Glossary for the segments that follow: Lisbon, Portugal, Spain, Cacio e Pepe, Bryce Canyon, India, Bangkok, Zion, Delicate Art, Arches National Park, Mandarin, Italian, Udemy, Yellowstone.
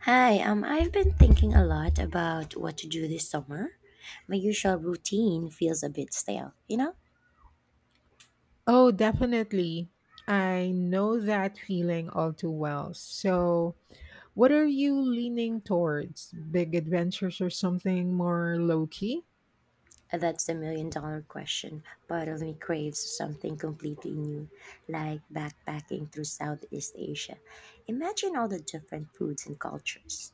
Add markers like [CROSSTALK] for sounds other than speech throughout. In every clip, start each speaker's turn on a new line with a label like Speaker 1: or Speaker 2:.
Speaker 1: Hi, I've been thinking a lot about what to do this summer. My usual routine feels a bit stale, you know?
Speaker 2: Oh, definitely. I know that feeling all too well. So, what are you leaning towards? Big adventures or something more low key?
Speaker 1: That's the million dollar question. Part of me craves something completely new, like backpacking through Southeast Asia. Imagine all the different foods and cultures.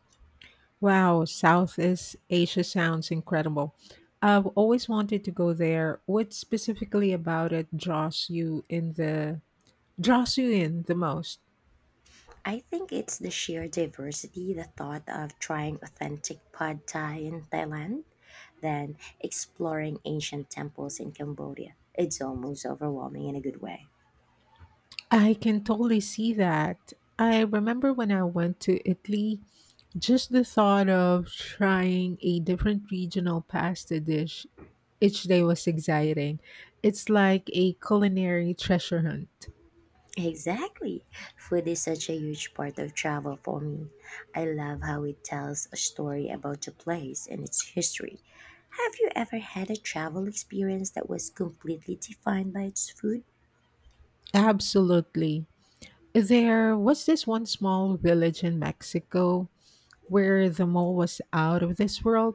Speaker 2: Wow, Southeast Asia sounds incredible. I've always wanted to go there. What specifically about it draws you in the most?
Speaker 1: I think it's the sheer diversity, the thought of trying authentic pad thai in Thailand, then exploring ancient temples in Cambodia. It's almost overwhelming in a good way.
Speaker 2: I can totally see that. I remember when I went to Italy, just the thought of trying a different regional pasta dish each day was exciting. It's like a culinary treasure hunt.
Speaker 1: Exactly. Food is such a huge part of travel for me. I love how it tells a story about the place and its history. Have you ever had a travel experience that was completely defined by its food?
Speaker 2: Absolutely. There was this one small village in Mexico where the mall was out of this world.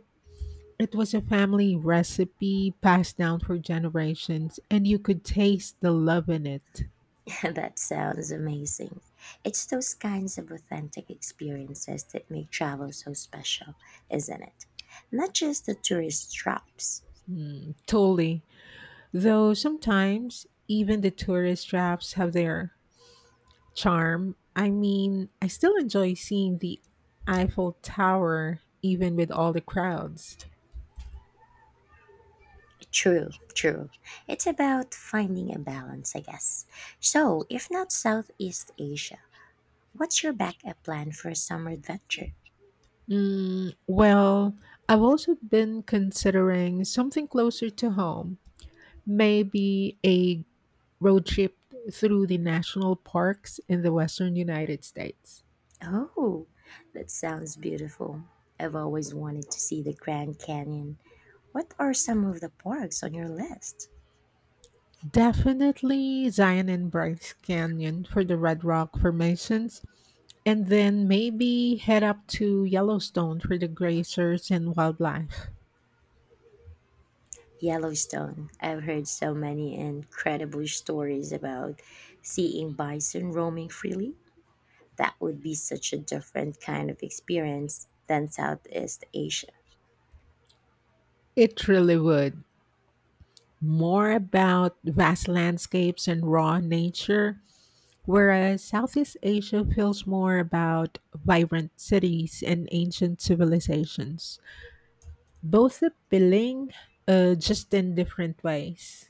Speaker 2: It was a family recipe passed down for generations, and you could taste the love in it.
Speaker 1: [LAUGHS] That sounds amazing. It's those kinds of authentic experiences that make travel so special, isn't it? Not just the tourist traps.
Speaker 2: Mm, totally. Though sometimes even the tourist traps have their charm. I mean, I still enjoy seeing the Eiffel Tower even with all the crowds.
Speaker 1: True, true. It's about finding a balance, I guess. So, if not Southeast Asia, what's your backup plan for a summer adventure?
Speaker 2: Mm, well, I've also been considering something closer to home, maybe a road trip through the national parks in the western United States.
Speaker 1: Oh, that sounds beautiful. I've always wanted to see the Grand Canyon. What are some of the parks on your list?
Speaker 2: Definitely Zion and Bryce Canyon for the Red Rock formations, and then maybe head up to Yellowstone for the grazers and wildlife.
Speaker 1: Yellowstone. I've heard so many incredible stories about seeing bison roaming freely. That would be such a different kind of experience than Southeast Asia.
Speaker 2: It really would. More about vast landscapes and raw nature, whereas Southeast Asia feels more about vibrant cities and ancient civilizations. Both appealing, just in different ways.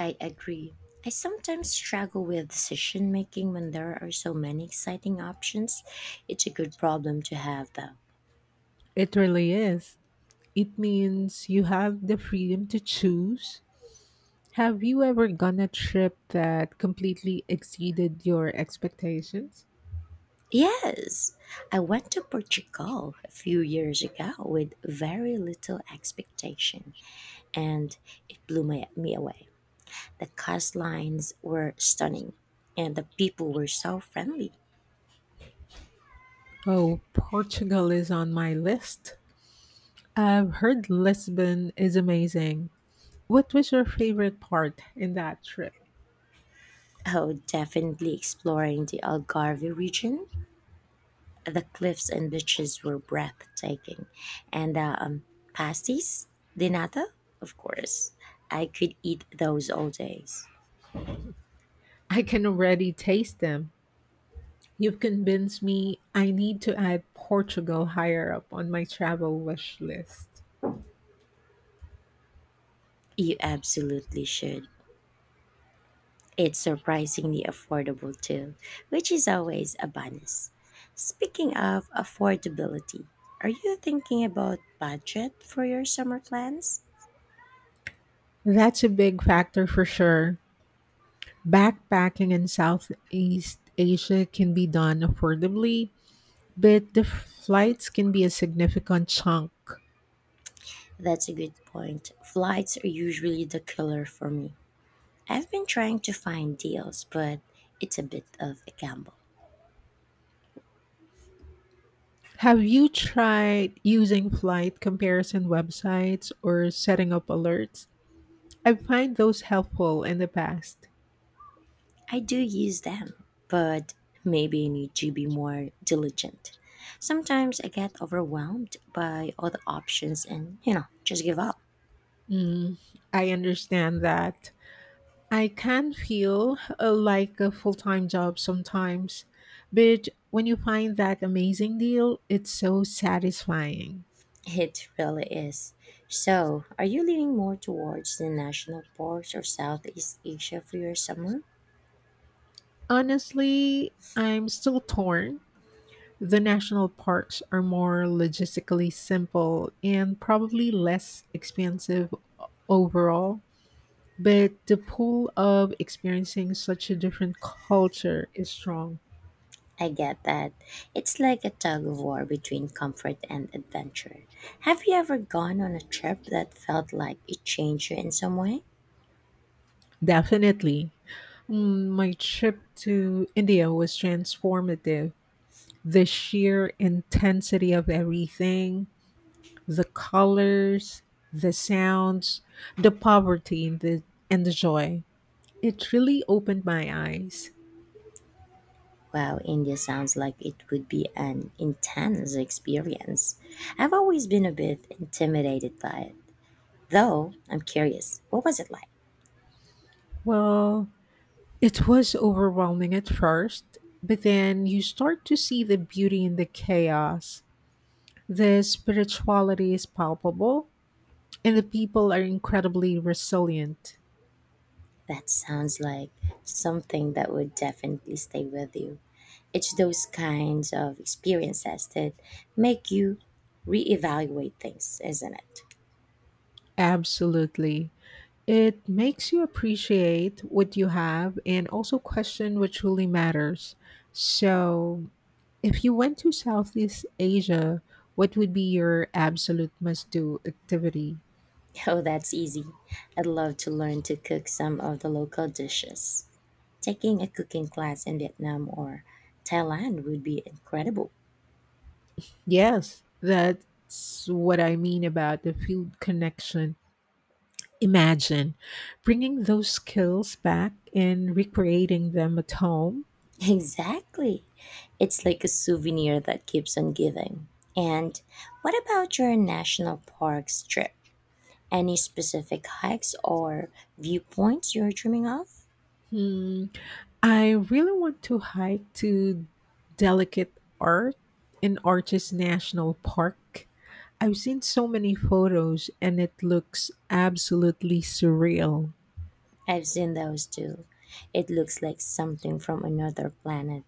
Speaker 1: I agree. I sometimes struggle with decision making when there are so many exciting options. It's a good problem to have, though.
Speaker 2: It really is. It means you have the freedom to choose. Have you ever gone a trip that completely exceeded your expectations?
Speaker 1: Yes, I went to Portugal a few years ago with very little expectation, and it blew me away. The coastlines were stunning, and the people were so friendly.
Speaker 2: Oh, Portugal is on my list. I've heard Lisbon is amazing. What was your favorite part in that trip?
Speaker 1: Oh, definitely exploring the Algarve region. The cliffs and beaches were breathtaking, and the pasties de nata, of course. I could eat those all days.
Speaker 2: I can already taste them. You've convinced me I need to add Portugal higher up on my travel wish list.
Speaker 1: You absolutely should. It's surprisingly affordable too, which is always a bonus. Speaking of affordability, are you thinking about budget for your summer plans?
Speaker 2: That's a big factor for sure. Backpacking in Southeast Asia can be done affordably, but the flights can be a significant chunk.
Speaker 1: That's a good point. Flights are usually the killer for me. I've been trying to find deals, but it's a bit of a gamble.
Speaker 2: Have you tried using flight comparison websites or setting up alerts? I find those helpful in the past.
Speaker 1: I do use them, but maybe I need to be more diligent. Sometimes I get overwhelmed by all the options and just give up.
Speaker 2: Mm, I understand that. I can feel like a full time job sometimes, but when you find that amazing deal, it's so satisfying.
Speaker 1: It really is. So, are you leaning more towards the national parks or Southeast Asia for your summer?
Speaker 2: Honestly, I'm still torn. The national parks are more logistically simple and probably less expensive overall, but the pull of experiencing such a different culture is strong.
Speaker 1: I get that. It's like a tug of war between comfort and adventure. Have you ever gone on a trip that felt like it changed you in some way?
Speaker 2: Definitely. Mm, my trip to India was transformative. The sheer intensity of everything, the colors, the sounds, the poverty and the joy. It really opened my eyes.
Speaker 1: Wow, India sounds like it would be an intense experience. I've always been a bit intimidated by it. Though, I'm curious, what was it like?
Speaker 2: Well, it was overwhelming at first, but then you start to see the beauty in the chaos. The spirituality is palpable, and the people are incredibly resilient.
Speaker 1: That sounds like something that would definitely stay with you. It's those kinds of experiences that make you reevaluate things, isn't it? [LAUGHS]
Speaker 2: Absolutely. It makes you appreciate what you have and also question what truly matters. So, if you went to Southeast Asia, what would be your absolute must do activity?
Speaker 1: Oh, that's easy. I'd love to learn to cook some of the local dishes. Taking a cooking class in Vietnam or Thailand would be incredible.
Speaker 2: Yes, that's what I mean about the field connection. Imagine bringing those skills back and recreating them at home.
Speaker 1: Exactly. It's like a souvenir that keeps on giving. And what about your national parks trip? Any specific hikes or viewpoints you're dreaming of?
Speaker 2: Hmm, I really want to hike to Delicate Art in Arches National Park. I've seen so many photos and it looks absolutely surreal.
Speaker 1: I've seen those too. It looks like something from another planet.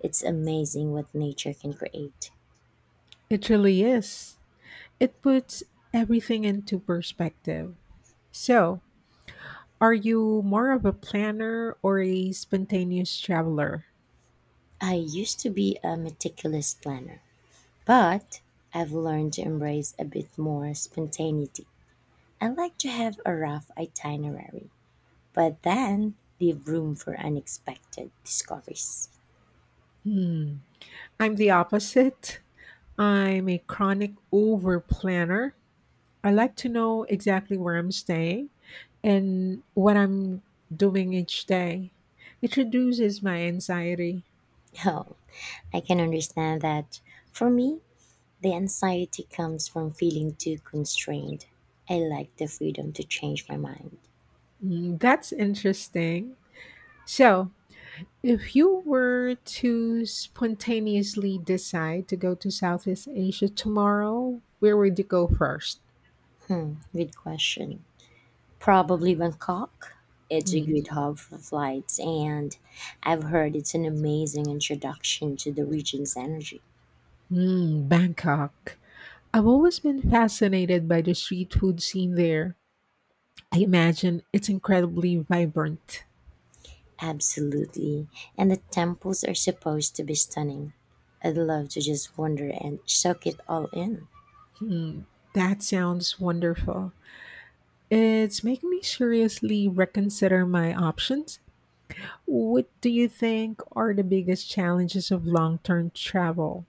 Speaker 1: It's amazing what nature can create.
Speaker 2: It really is. It puts everything into perspective. So, are you more of a planner or a spontaneous traveler?
Speaker 1: I used to be a meticulous planner, but I've learned to embrace a bit more spontaneity. I like to have a rough itinerary but then leave room for unexpected discoveries. [LAUGHS]
Speaker 2: Hmm. I'm the opposite. I'm a chronic over planner. I like to know exactly where I'm staying and what I'm doing each day. It reduces my anxiety.
Speaker 1: Oh, I can understand that. For me, the anxiety comes from feeling too constrained. I like the freedom to change my mind.
Speaker 2: Mm, that's interesting. So, if you were to spontaneously decide to go to Southeast Asia tomorrow, where would you go first?
Speaker 1: Hmm, good question. Probably Bangkok. It's a
Speaker 2: Mm.
Speaker 1: good hub for flights, and I've heard it's an amazing introduction to the region's energy.
Speaker 2: Mm, Bangkok. I've always been fascinated by the street food scene there. I imagine it's incredibly vibrant.
Speaker 1: Absolutely. And the temples are supposed to be stunning. I'd love to just wander and soak it all in.
Speaker 2: That sounds wonderful. It's making me seriously reconsider my options. What do you think are the biggest challenges of long term travel?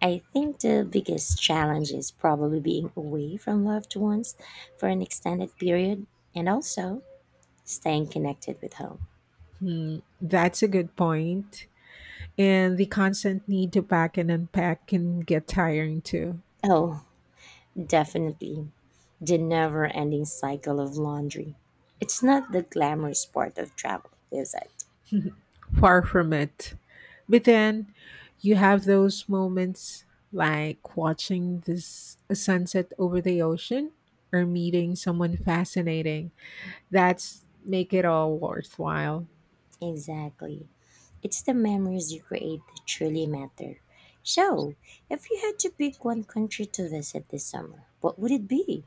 Speaker 1: I think the biggest challenge is probably being away from loved ones for an extended period and also staying connected with home.
Speaker 2: That's a good point. And the constant need to pack and unpack can get tiring too.
Speaker 1: Oh, definitely. The never ending cycle of laundry. It's not the glamorous part of travel, is it?
Speaker 2: Far from it. But then you have those moments like watching this a sunset over the ocean or meeting someone fascinating. That's make it all worthwhile.
Speaker 1: Exactly. It's the memories you create that truly matter. So, if you had to pick one country to visit this summer, what would it be?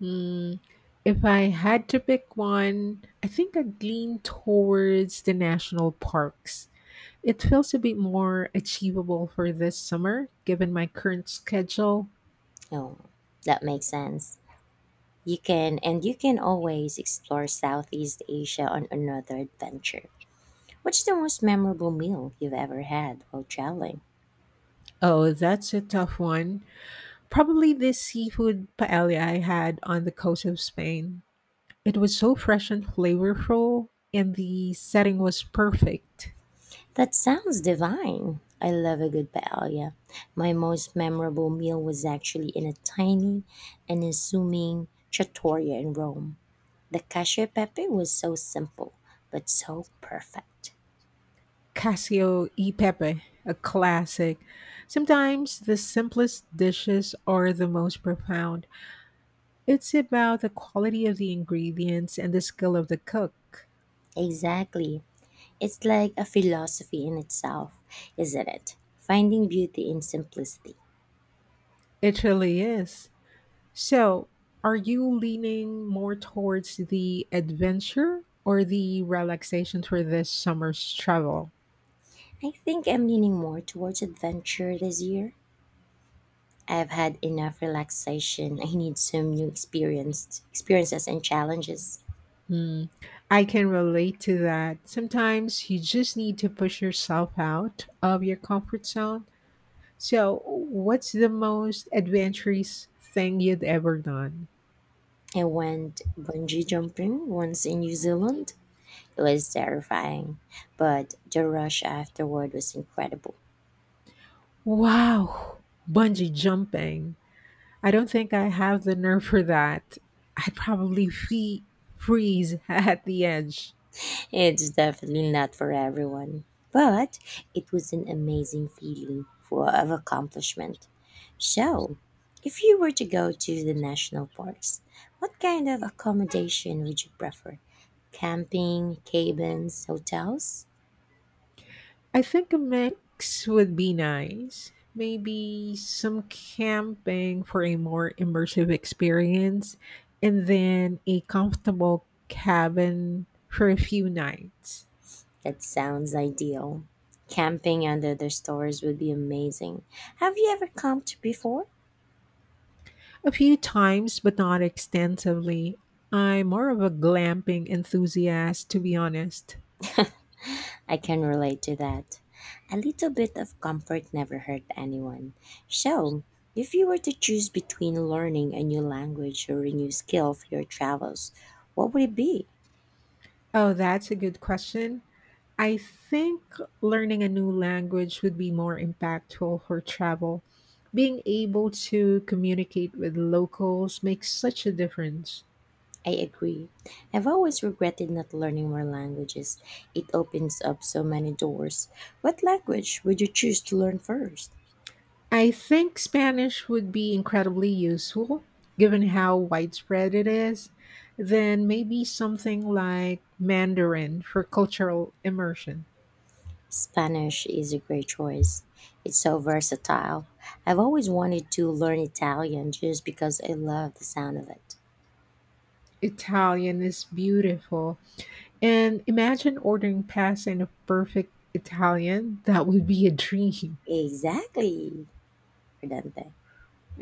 Speaker 2: Mm, if I had to pick one, I think I'd lean towards the national parks. It feels a bit more achievable for this summer, given my current schedule.
Speaker 1: Oh, that makes sense. You can always explore Southeast Asia on another adventure. What's the most memorable meal you've ever had while traveling?
Speaker 2: Oh, that's a tough one. Probably this seafood paella I had on the coast of Spain. It was so fresh and flavorful, and the setting was perfect.
Speaker 1: That sounds divine. I love a good paella. My most memorable meal was actually in a tiny and assuming trattoria in Rome. The cacio e pepe was so simple, but so perfect.
Speaker 2: Casio e Pepe, a classic. Sometimes the simplest dishes are the most profound. It's about the quality of the ingredients and the skill of the cook.
Speaker 1: Exactly. It's like a philosophy in itself, isn't it? Finding beauty in simplicity.
Speaker 2: It really is. So, are you leaning more towards the adventure or the relaxation for this summer's travel?
Speaker 1: I think I'm leaning more towards adventure this year. I've had enough relaxation. I need some new experiences and challenges.
Speaker 2: Hmm. I can relate to that. Sometimes you just need to push yourself out of your comfort zone. So, what's the most adventurous thing you'd ever done?
Speaker 1: I went bungee jumping once in New Zealand. It was terrifying, but the rush afterward was incredible.
Speaker 2: Wow, bungee jumping. I don't think I have the nerve for that. I'd probably freeze [LAUGHS] at the edge.
Speaker 1: It's definitely not for everyone, but it was an amazing feeling for of accomplishment. So, if you were to go to the national parks, what kind of accommodation would you prefer? Camping, cabins, hotels?
Speaker 2: I think a mix would be nice. Maybe some camping for a more immersive experience, and then a comfortable cabin for a few nights.
Speaker 1: That sounds ideal. Camping under the stars would be amazing. Have you ever camped before?
Speaker 2: A few times, but not extensively. I'm more of a glamping enthusiast, to be honest.
Speaker 1: I can relate to that. A little bit of comfort never hurt anyone. So, if you were to choose between learning a new language or a new skill for your travels, what would it be?
Speaker 2: Oh, that's a good question. I think learning a new language would be more impactful for travel. Being able to communicate with locals makes such a difference.
Speaker 1: I agree. I've always regretted not learning more languages. It opens up so many doors. What language would you choose to learn first?
Speaker 2: I think Spanish would be incredibly useful given how widespread it is. Then maybe something like Mandarin for cultural immersion.
Speaker 1: Spanish is a great choice. It's so versatile. I've always wanted to learn Italian just because I love the sound of it.
Speaker 2: Italian is beautiful. And imagine ordering pasta in a perfect Italian. That would be a dream.
Speaker 1: Exactly, Prudente.